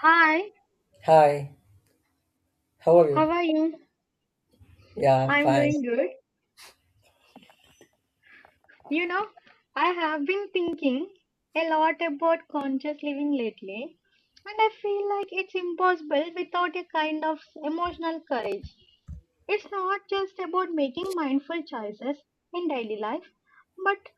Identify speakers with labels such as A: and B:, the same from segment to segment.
A: Hi,
B: Hi, how are
A: how
B: you?
A: are you?
B: Yeah,
A: I'm
B: fine.
A: doing good. You know, I have been thinking a lot about conscious living lately, and I feel like it's impossible without a kind of emotional courage. It's not just about making mindful choices in daily life, but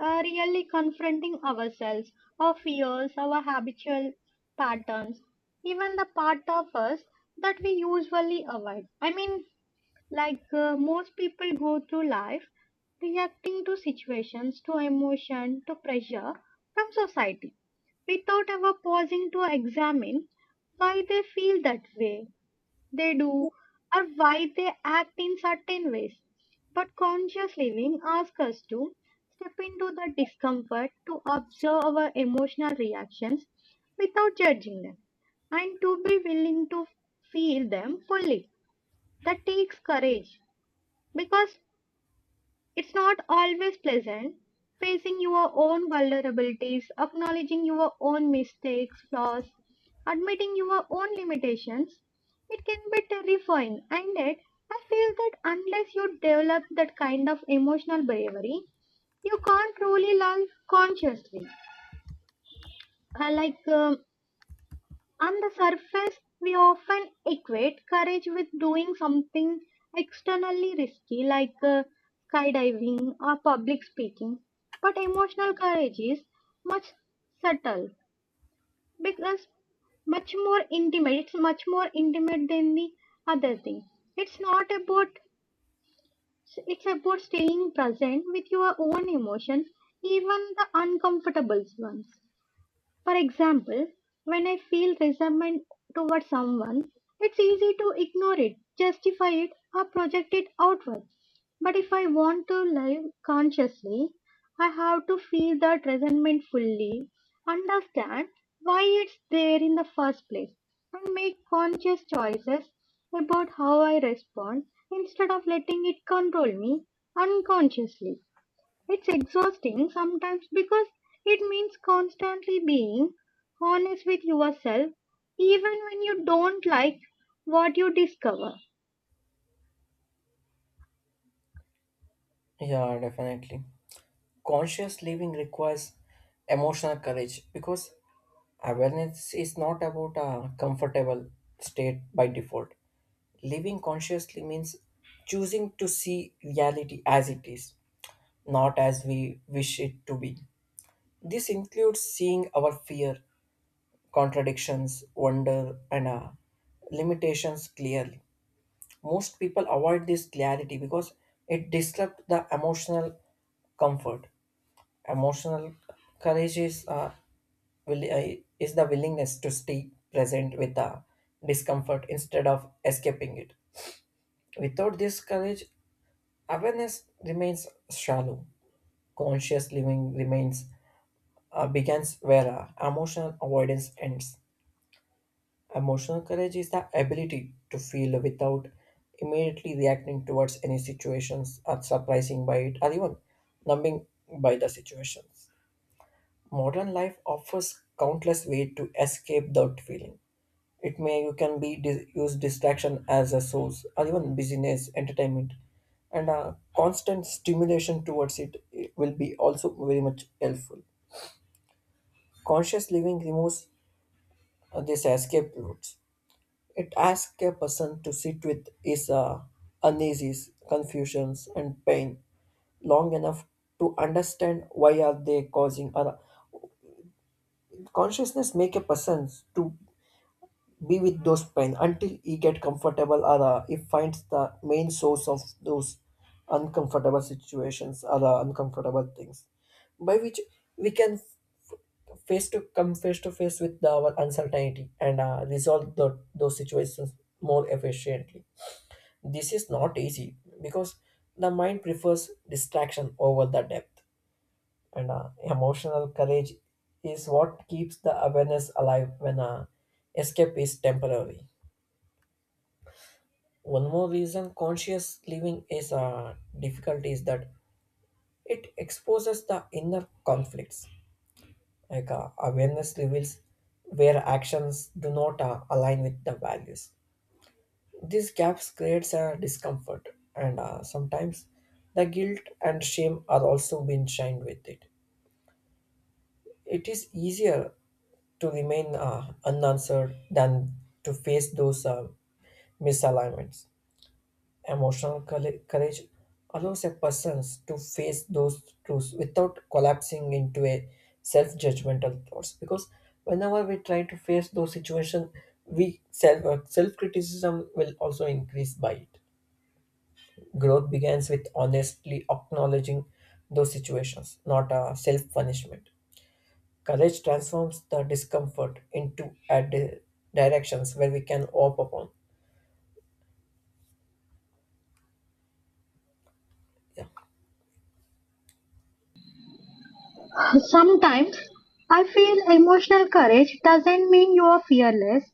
A: really confronting ourselves, our fears, our habitual patterns, even the part of us that we usually avoid. I mean, like most people go through life reacting to situations, to emotion, to pressure from society without ever pausing to examine why they feel that way they do or why they act in certain ways. But conscious living asks us to step into the discomfort to observe our emotional reactions without judging them and to be willing to feel them fully. That takes courage because it's not always pleasant facing your own vulnerabilities, acknowledging your own mistakes, flaws, admitting your own limitations. It can be terrifying, and yet I feel that unless you develop that kind of emotional bravery, you can't truly learn consciously. I like On the surface, we often equate courage with doing something externally risky like skydiving or public speaking. But emotional courage is much subtle because much more intimate. It's much more intimate than the other thing. It's not about, it's about staying present with your own emotions, even the uncomfortable ones. For example, when I feel resentment toward someone, it's easy to ignore it, justify it, or project it outward. But if I want to live consciously, I have to feel that resentment fully, understand why it's there in the first place, and make conscious choices about how I respond instead of letting it control me unconsciously. It's exhausting sometimes because it means constantly being honest with yourself, even when you don't like what you discover.
B: Yeah, definitely. Conscious living requires emotional courage because awareness is not about a comfortable state by default. Living consciously means choosing to see reality as it is, not as we wish it to be. This includes seeing our fear, contradictions, wonder, and limitations clearly. Most people avoid this clarity because it disrupts the emotional comfort. Emotional courage is is the willingness to stay present with the discomfort instead of escaping it. Without this courage, awareness remains shallow. Conscious living remains begins where emotional avoidance ends. Emotional courage is the ability to feel without immediately reacting towards any situations or surprising by it or even numbing by the situations. Modern life offers countless ways to escape that feeling. It may You can use distraction as a source, or even busyness, entertainment, and a constant stimulation towards it will be also very much helpful. Conscious living removes these escape routes. It asks a person to sit with his uneases, confusions, and pain long enough to understand why are they causing. Or consciousness make a person to be with those pain until he get comfortable, or he finds the main source of those uncomfortable situations, or uncomfortable things, by which we can face to come face to face with our uncertainty and resolve those situations more efficiently. This is not easy because the mind prefers distraction over the depth, and emotional courage is what keeps the awareness alive when escape is temporary. One more reason conscious living is difficult is that it exposes the inner conflicts. Awareness reveals where actions do not align with the values. These gaps creates a discomfort, and sometimes the guilt and shame are also being shined with it. It is easier to remain unanswered than to face those misalignments. Emotional courage allows a person to face those truths without collapsing into a self-judgmental thoughts. Because whenever we try to face those situations, we self self-criticism will also increase by it. Growth begins with honestly acknowledging those situations, not a self punishment. Courage transforms the discomfort into directions where we can hope upon. Yeah,
A: Sometimes I feel emotional courage doesn't mean you are fearless.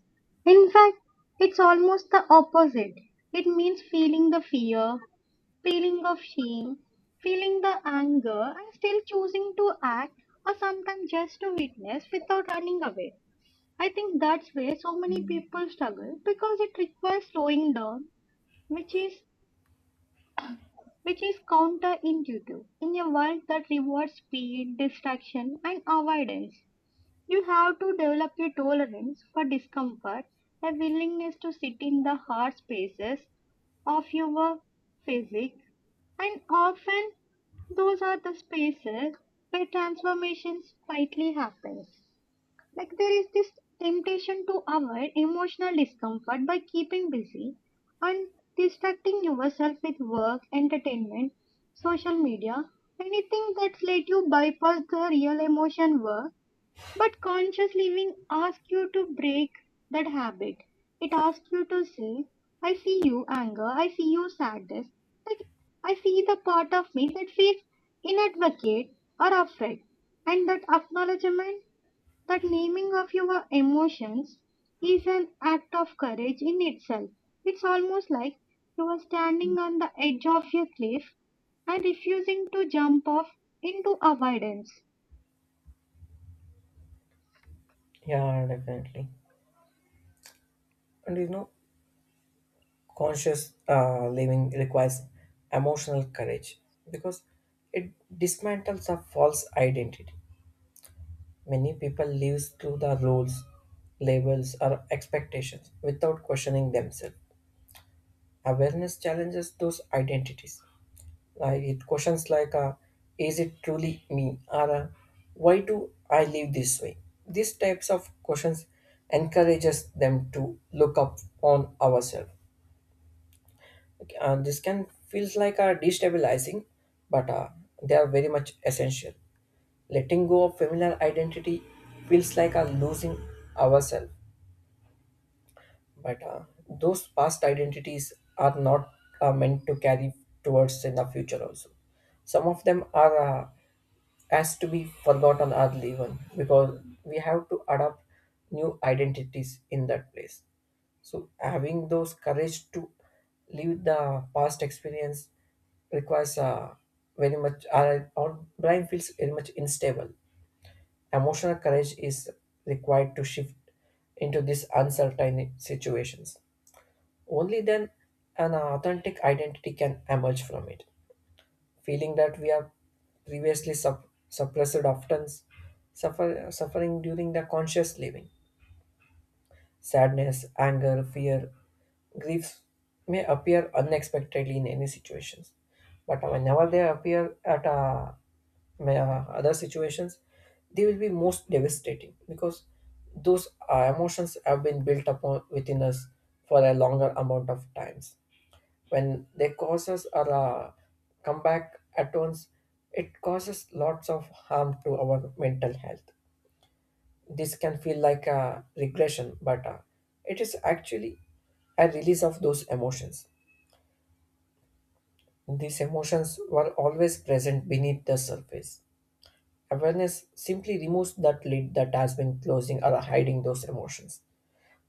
A: In fact, it's almost the opposite. It means feeling the fear, feeling of shame, feeling the anger, and still choosing to act or sometimes just to witness without running away. I think that's where so many people struggle because it requires slowing down, which is which is counterintuitive. In a world that rewards speed, distraction, and avoidance, you have to develop a tolerance for discomfort, a willingness to sit in the hard spaces of your physique, and often those are the spaces where transformations quietly happen. Like there is this temptation to avoid emotional discomfort by keeping busy and distracting yourself with work, entertainment, social media, anything that let you bypass the real emotion work. But conscious living asks you to break that habit. It asks you to say, I see you anger, I see you sadness, like I see the part of me that feels inadvocate or afraid. And that acknowledgement, that naming of your emotions is an act of courage in itself. It's almost like you are standing on the edge of a cliff and refusing to jump off into avoidance.
B: yeah, definitely. And you know, conscious living requires emotional courage because it dismantles a false identity. Many people live through the roles, labels, or expectations without questioning themselves. Awareness challenges those identities. Like, it questions like, "Is it truly me?" Or "Why do I live this way?" These types of questions encourages them to look up on ourselves. Okay, and this can feels like a destabilizing, but they are very much essential. Letting go of familiar identity feels like a losing ourselves, but those past identities are not meant to carry towards in the future also. Some of them are has to be forgotten or even, because we have to adopt new identities in that place. So having those courage to leave the past experience requires very much our brain feels very much unstable. Emotional courage is required to shift into these uncertain situations. Only then an authentic identity can emerge from it, feeling that we are previously suppressed often suffering during the conscious living. Sadness, anger, fear, griefs may appear unexpectedly in any situations, but whenever they appear at a other situations, they will be most devastating because those emotions have been built upon within us for a longer amount of times. When they causes or come back at once, it causes lots of harm to our mental health. This can feel like a regression, but it is actually a release of those emotions. These emotions were always present beneath the surface. Awareness simply removes that lid that has been closing or hiding those emotions,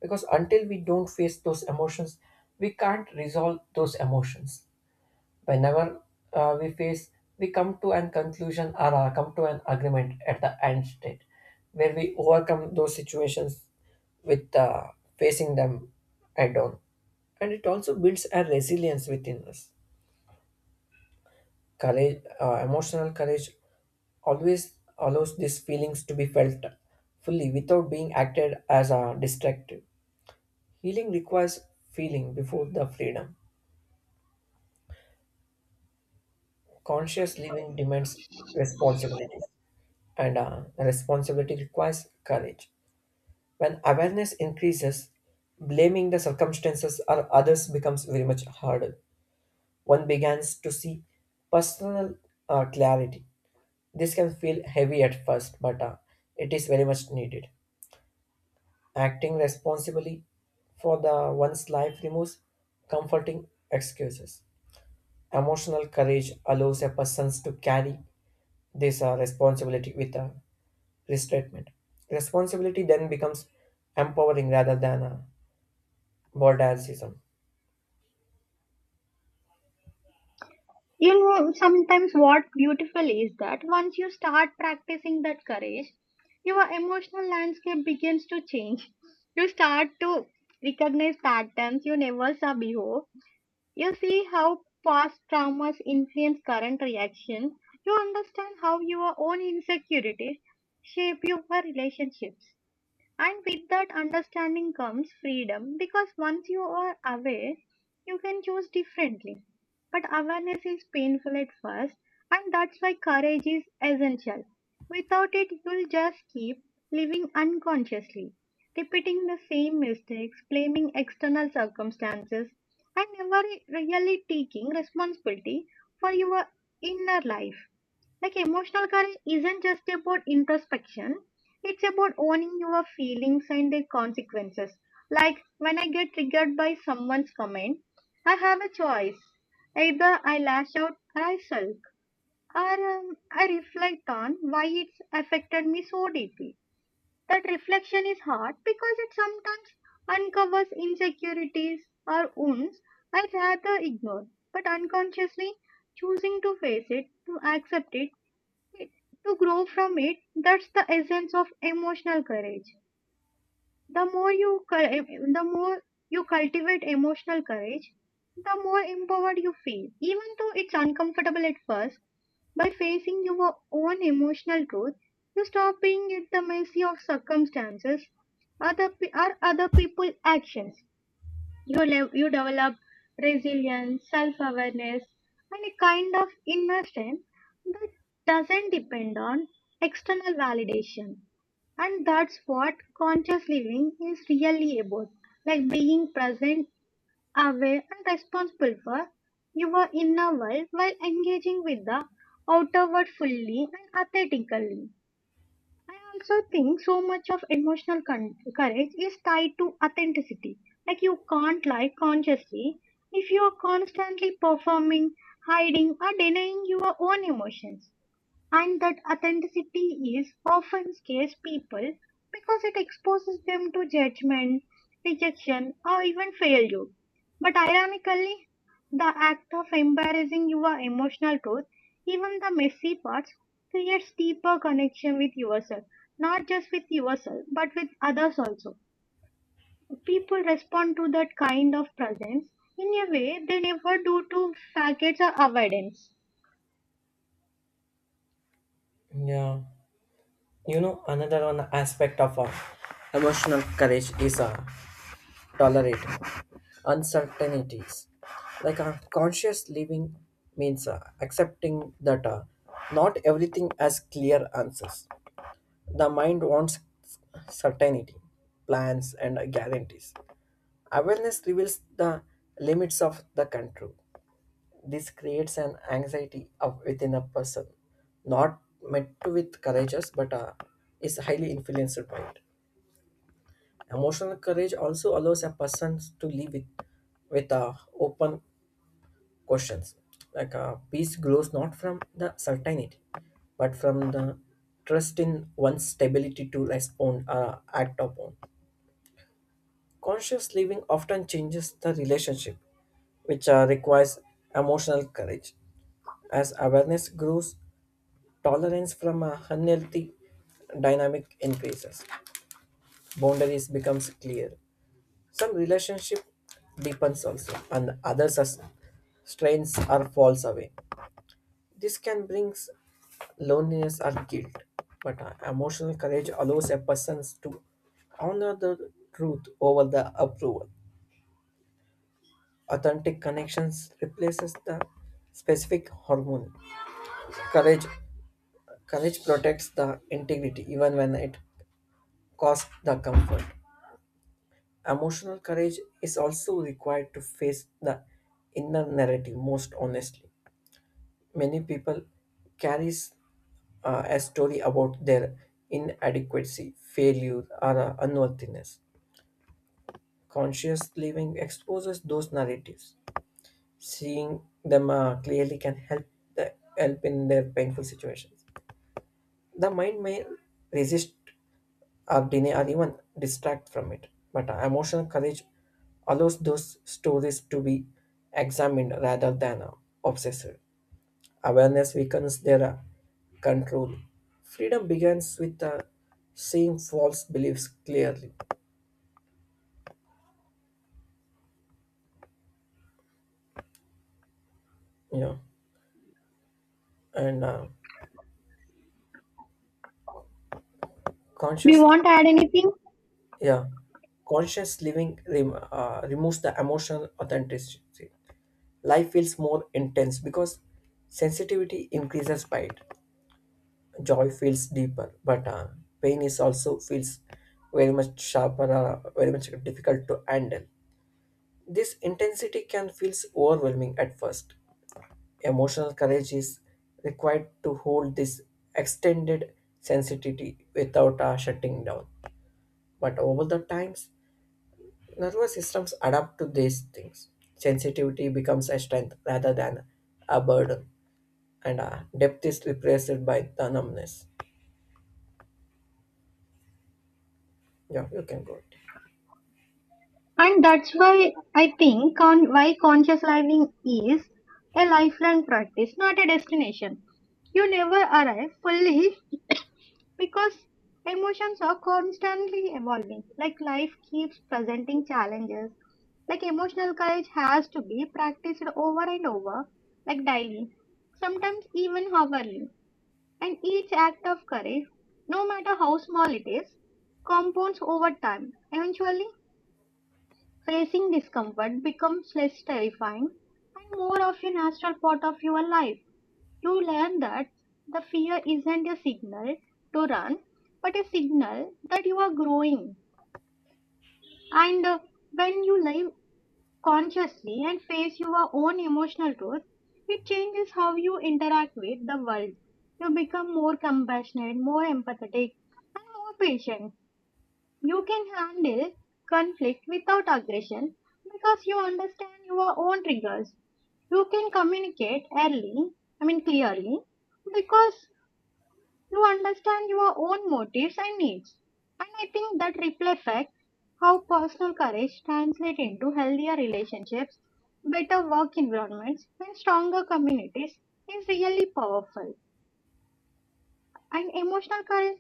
B: because until we don't face those emotions, we can't resolve those emotions. Whenever uh, we face we come to an conclusion, or come to an agreement at the end state where we overcome those situations with facing them head on, and it also builds a resilience within us. Courage Emotional courage always allows these feelings to be felt fully without being acted as a destructive. Healing requires feeling before the freedom. Conscious living demands responsibility, and responsibility requires courage. When awareness increases, blaming the circumstances or others becomes very much harder. One begins to see personal clarity. This can feel heavy at first, but it is very much needed. Acting responsibly for the one's life removes comforting excuses. Emotional courage allows a person to carry this responsibility with restatement. Responsibility then becomes empowering rather than a burdensome.
A: You know, sometimes what beautiful is that once you start practicing that courage, your emotional landscape begins to change. You start to recognize patterns you never saw before. You see how past traumas influence current reactions. You understand how your own insecurities shape your relationships. And with that understanding comes freedom because once you are aware, you can choose differently. But awareness is painful at first, and that's why courage is essential. Without it, you'll just keep living unconsciously, repeating the same mistakes, blaming external circumstances, and never really taking responsibility for your inner life. Like emotional courage isn't just about introspection, it's about owning your feelings and their consequences. Like when I get triggered by someone's comment, I have a choice. Either I lash out or I sulk, or I reflect on why it's affected me so deeply. That reflection is hard because it sometimes uncovers insecurities or wounds I'd rather ignore, but unconsciously choosing to face it, to accept it, it- to grow from it, that's the essence of emotional courage. The more you cultivate emotional courage, the more empowered you feel, even though it's uncomfortable at first. By facing your own emotional truth, you stop being at the mercy of circumstances, or other people's actions. You develop resilience, self awareness, and a kind of inner strength that doesn't depend on external validation. And that's what conscious living is really about, like being present, aware, and responsible for your inner world while engaging with the outer world fully and authentically. I also think so much of courage is tied to authenticity. Like you can't lie consciously if you are constantly performing, hiding, or denying your own emotions, and that authenticity is often scares people because it exposes them to judgment, rejection, or even failure. But ironically, the act of embarrassing your emotional truth, even the messy parts, creates deeper connection with yourself. Not just with yourself, but with others also. People respond to that kind of presence in a way they never do to facets or avoidance.
B: Yeah, you know, another one aspect of emotional courage is tolerating uncertainties. Conscious living means accepting that not everything has clear answers. The mind wants certainty, plans, and guarantees. Awareness reveals the limits of the control. This creates an anxiety of within a person, not met with courageous, but is highly influenced by it. Emotional courage also allows a person to live with with uh, open questions. Peace grows not from the certainty, but from the trust in one's stability to respond or act upon. Conscious living often changes the relationship, which requires emotional courage. As awareness grows, tolerance from a unhealthy dynamic increases. Boundaries becomes clear. Some relationship deepens also, and others as strains or falls away. This can bring loneliness or guilt, but emotional courage allows a person to honor the truth over the approval. Authentic connections replaces the specific hormone. Courage, Courage protects the integrity even when it costs the comfort. Emotional courage is also required to face the inner narrative most honestly. Many people carries a story about their inadequacy, failure, or unworthiness. Conscious living exposes those narratives. Seeing them clearly can help help in their painful situations. The mind may resist or deny or even distract from it. But emotional courage allows those stories to be examined rather than obsessed. Awareness weakens their control. Freedom begins with seeing false beliefs clearly. You know, and
A: Do you
B: conscious,
A: want to add anything?
B: yeah, conscious living removes the emotional authenticity. Life feels more intense because sensitivity increases by it. Joy feels deeper, but pain is also feels very much sharper, very much difficult to handle. This intensity can feel overwhelming at first. Emotional courage is required to hold this extended sensitivity without shutting down. But over the times, nervous systems adapt to these things. Sensitivity becomes a strength rather than a burden, and depth is replaced by the numbness. Yeah, you can go.
A: And that's why I think why conscious living is a lifelong practice, not a destination. You never arrive fully because emotions are constantly evolving. Like life keeps presenting challenges. Like emotional courage has to be practiced over and over, like daily, sometimes even hourly. And each act of courage, no matter how small it is, compounds over time. Eventually, facing discomfort becomes less terrifying and more of a natural part of your life. You learn that the fear isn't a signal to run, but a signal that you are growing. And When you live consciously and face your own emotional truth, it changes how you interact with the world. You become more compassionate, more empathetic, and more patient. You can handle conflict without aggression because you understand your own triggers. You can communicate early, I mean clearly, because you understand your own motives and needs. And I think that ripple effect, how personal courage translates into healthier relationships, better work environments, and stronger communities is really powerful. And emotional courage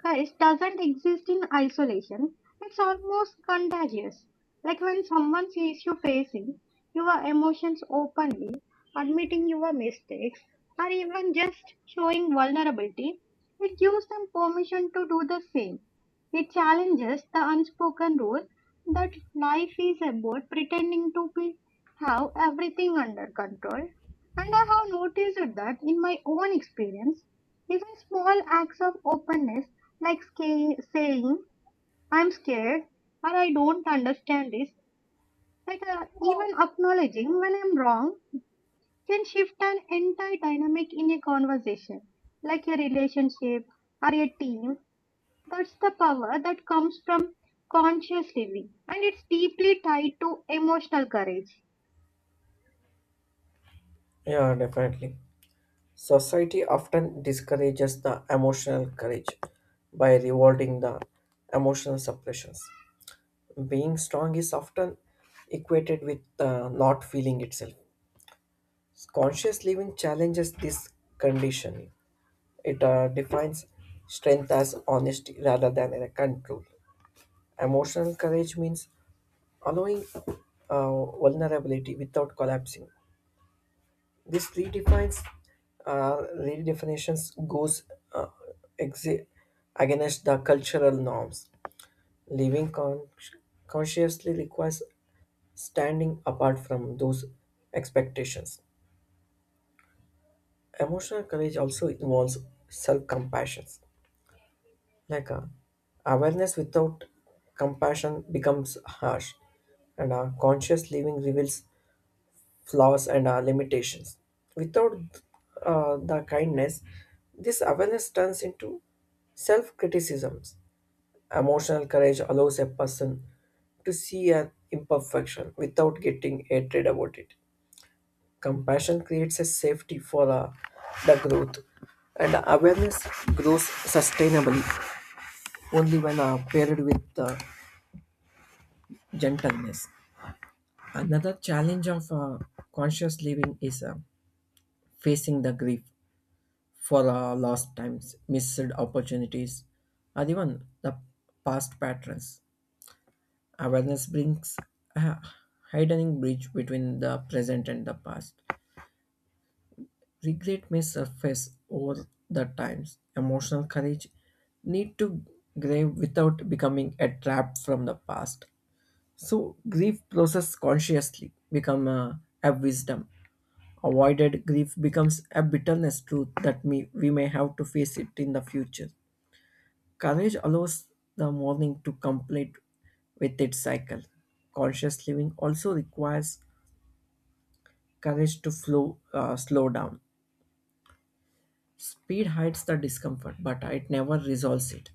A: Courage doesn't exist in isolation. It's almost contagious. Like when someone sees you facing your emotions openly, admitting your mistakes, or even just showing vulnerability, it gives them permission to do the same. It challenges the unspoken rule that life is about pretending to be have everything under control. And I have noticed that in my own experience, even small acts of openness like sca- saying, I'm scared or I don't understand this, like even acknowledging when I'm wrong can shift an entire dynamic in a conversation, like a relationship or a team. That's the power that comes from conscious living, and it's deeply tied to emotional courage.
B: Yeah, definitely. Society often discourages the emotional courage by rewarding the emotional suppressions. Being strong is often equated with not feeling itself. Conscious living challenges this conditioning. It defines strength as honesty rather than a control. Emotional courage means allowing vulnerability without collapsing. This redefines redefinitions goes uh, exe- against the cultural norms. Living con- consciously requires standing apart from those expectations. Emotional courage also involves self-compassion. Like uh, Awareness without compassion becomes harsh, and conscious living reveals flaws, and our limitations. Without the kindness, this awareness turns into self criticisms. Emotional courage allows a person to see an imperfection without getting hatred about it. Compassion creates a safety for the growth, and awareness grows sustainably only when paired with gentleness. Another challenge of conscious living is facing the grief. For lost times, missed opportunities, or even the past patterns. Awareness brings a widening bridge between the present and the past. Regret may surface over the times. Emotional courage need to grieve without becoming a trap from the past. So grief process consciously become a wisdom. Avoided grief becomes a bitterness truth that we may have to face it in the future. Courage allows the morning to complete with its cycle. Conscious living also requires courage to slow down. Speed hides the discomfort, but it never resolves it.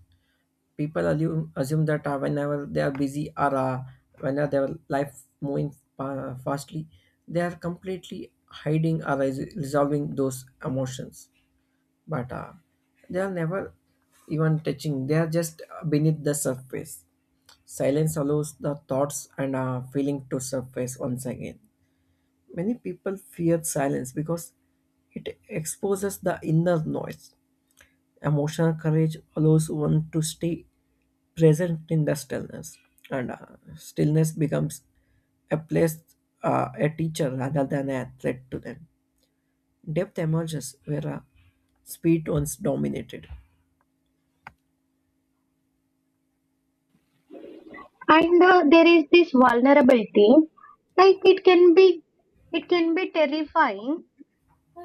B: People assume that whenever they are busy, or whenever their life moving fastly, they are completely hiding or resolving those emotions. But they are never even touching. They are just beneath the surface. Silence allows the thoughts and feeling to surface once again. Many people fear silence because it exposes the inner noise. Emotional courage allows one to stay present in the stillness, and stillness becomes a place, a teacher rather than a threat to them. Depth emerges where speed once dominated.
A: And There is this vulnerability, like it can be terrifying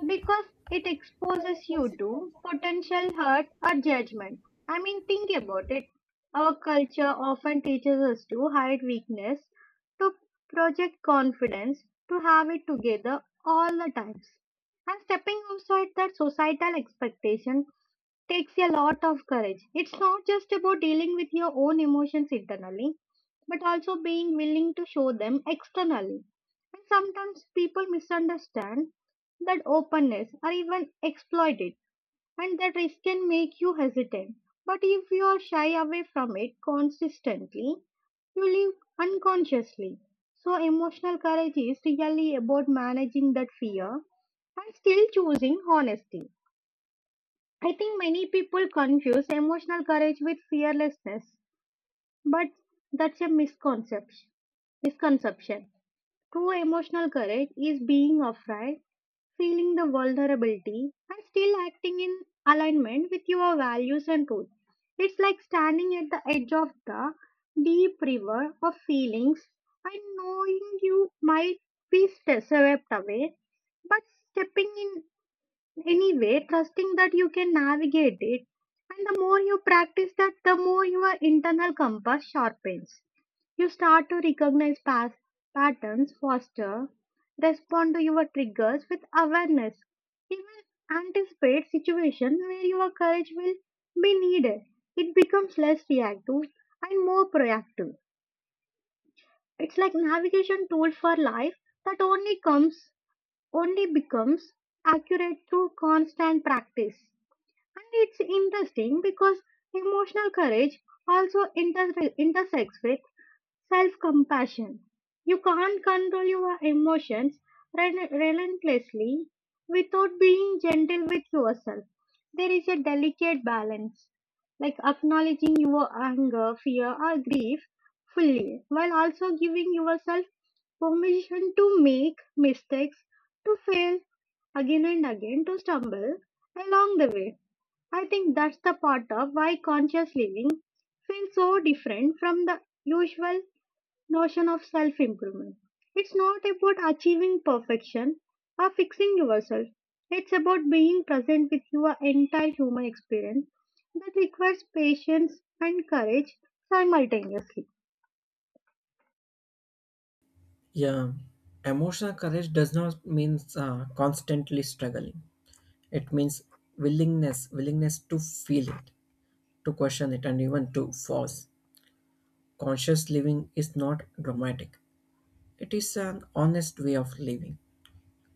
A: because it exposes you to potential hurt or judgment. I mean, think about it. Our culture often teaches us to hide weakness, to project confidence, to have it together all the times. And stepping outside that societal expectation takes a lot of courage. It's not just about dealing with your own emotions internally, but also being willing to show them externally. And sometimes people misunderstand that openness or even exploit it, and that risk can make you hesitant. But if you are shy away from it consistently, you live unconsciously. So, emotional courage is really about managing that fear and still choosing honesty. I think many people confuse emotional courage with fearlessness, but that's a misconception. Misconception True emotional courage is being afraid, feeling the vulnerability, and still acting in alignment with your values and truth. It's like standing at the edge of the deep river of feelings and knowing you might be swept away, but stepping in anyway, trusting that you can navigate it. And the more you practice that, the more your internal compass sharpens. You start to recognize past patterns faster, respond to your triggers with awareness, even anticipate situations where your courage will be needed. It becomes less reactive and more proactive. It's like navigation tool for life that only becomes accurate through constant practice. And it's interesting because emotional courage also intersects with self compassion. You can't control your emotions relentlessly without being gentle with yourself. There is a delicate balance, like acknowledging your anger, fear, or grief fully, while also giving yourself permission to make mistakes, to fail again and again, to stumble along the way. I think that's the part of why conscious living feels so different from the usual notion of self improvement. It's not about achieving perfection or fixing yourself. It's about being present with your entire human experience that requires patience and courage simultaneously.
B: Yeah, emotional courage does not mean constantly struggling. It means willingness to feel it, to question it, and even to force. Conscious living is not dramatic, it is an honest way of living.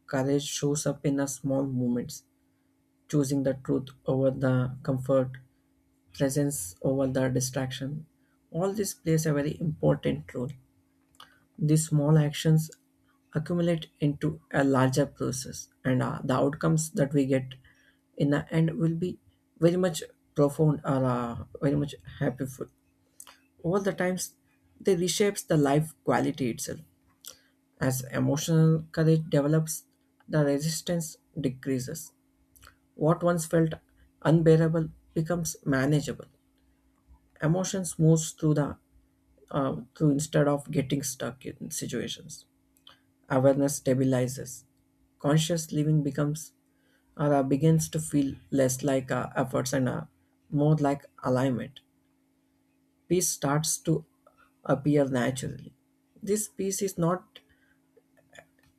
B: Courage shows up in the small moments: choosing the truth over the comfort, presence over the distraction. All this plays a very important role. These small actions accumulate into a larger process, and the outcomes that we get in the end will be very much profound, or very much happyful. Over the times, they reshapes the life quality itself. As emotional courage develops, the resistance decreases. What once felt unbearable becomes manageable. Emotions moves through the through instead of getting stuck in situations. Awareness stabilizes. Conscious living becomes or begins to feel less like efforts and more like alignment. Peace starts to appear naturally. This peace is not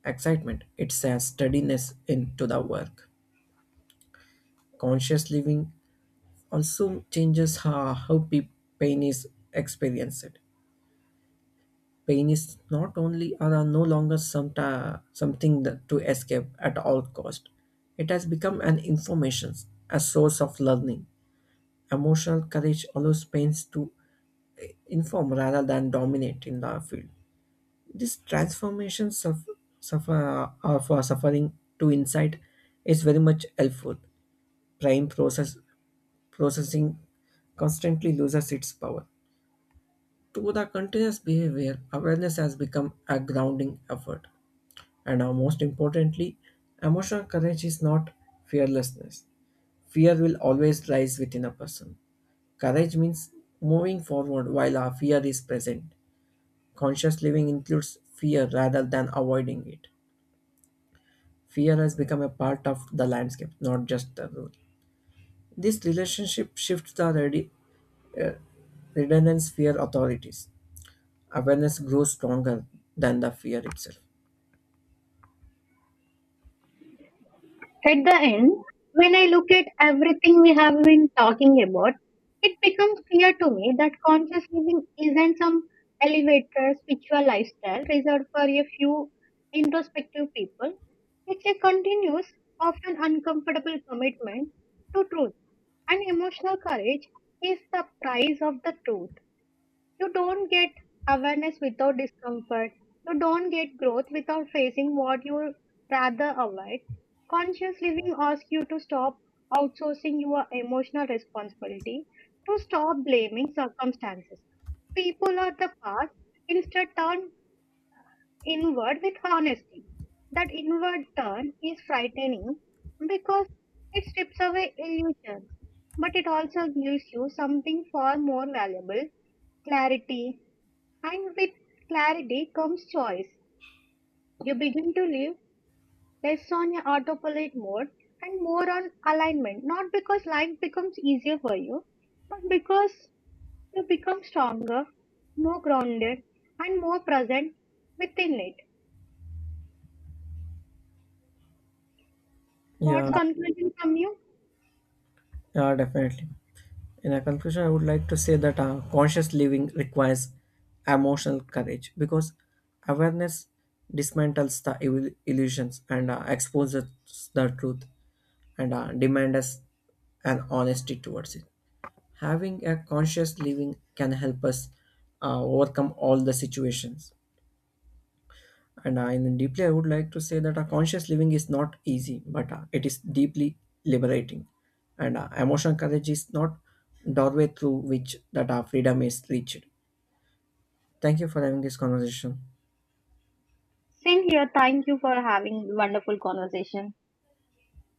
B: excitement, it's a steadiness into the work. Conscious living also changes how pain is experienced. Pain is not only or are no longer some something that to escape at all cost. It has become an information, a source of learning. Emotional courage allows pains to inform rather than dominate in the field. This transformation of, suffering to insight is very much helpful. Prime process Processing constantly loses its power. To the continuous behavior, awareness has become a grounding effort. And most importantly, emotional courage is not fearlessness. Fear will always rise within a person. Courage means moving forward while our fear is present. Conscious living includes fear rather than avoiding it. Fear has become a part of the landscape, not just the rule. This relationship shifts redundance fear authorities. Awareness grows stronger than the fear itself.
A: At the end, when I look at everything we have been talking about, it becomes clear to me that conscious living isn't some elevator spiritual lifestyle reserved for a few introspective people. It's a continuous, often uncomfortable commitment to truth, and emotional courage is the price of the truth. You don't get awareness without discomfort. You don't get growth without facing what you rather avoid. Conscious living asks you to stop outsourcing your emotional responsibility, to stop blaming circumstances, people or the past, instead turn inward with honesty. That inward turn is frightening because it strips away illusions, but it also gives you something far more valuable, clarity, and with clarity comes choice. You begin to live less on your autopilot mode and more on alignment, not because life becomes easier for you, but because you become stronger, more grounded, and more present within it. What's
B: Yeah,
A: concluding from you?
B: yeah, definitely. In a conclusion, I would like to say that conscious living requires emotional courage because awareness dismantles the illusions, and exposes the truth, and demand us an honesty towards it. Having a conscious living can help us overcome all the situations. And in deeply, I would like to say that a conscious living is not easy, but it is deeply liberating. And emotional courage is not doorway through which that our freedom is reached. Thank you for having this conversation.
A: Same here. Thank you for having wonderful conversation.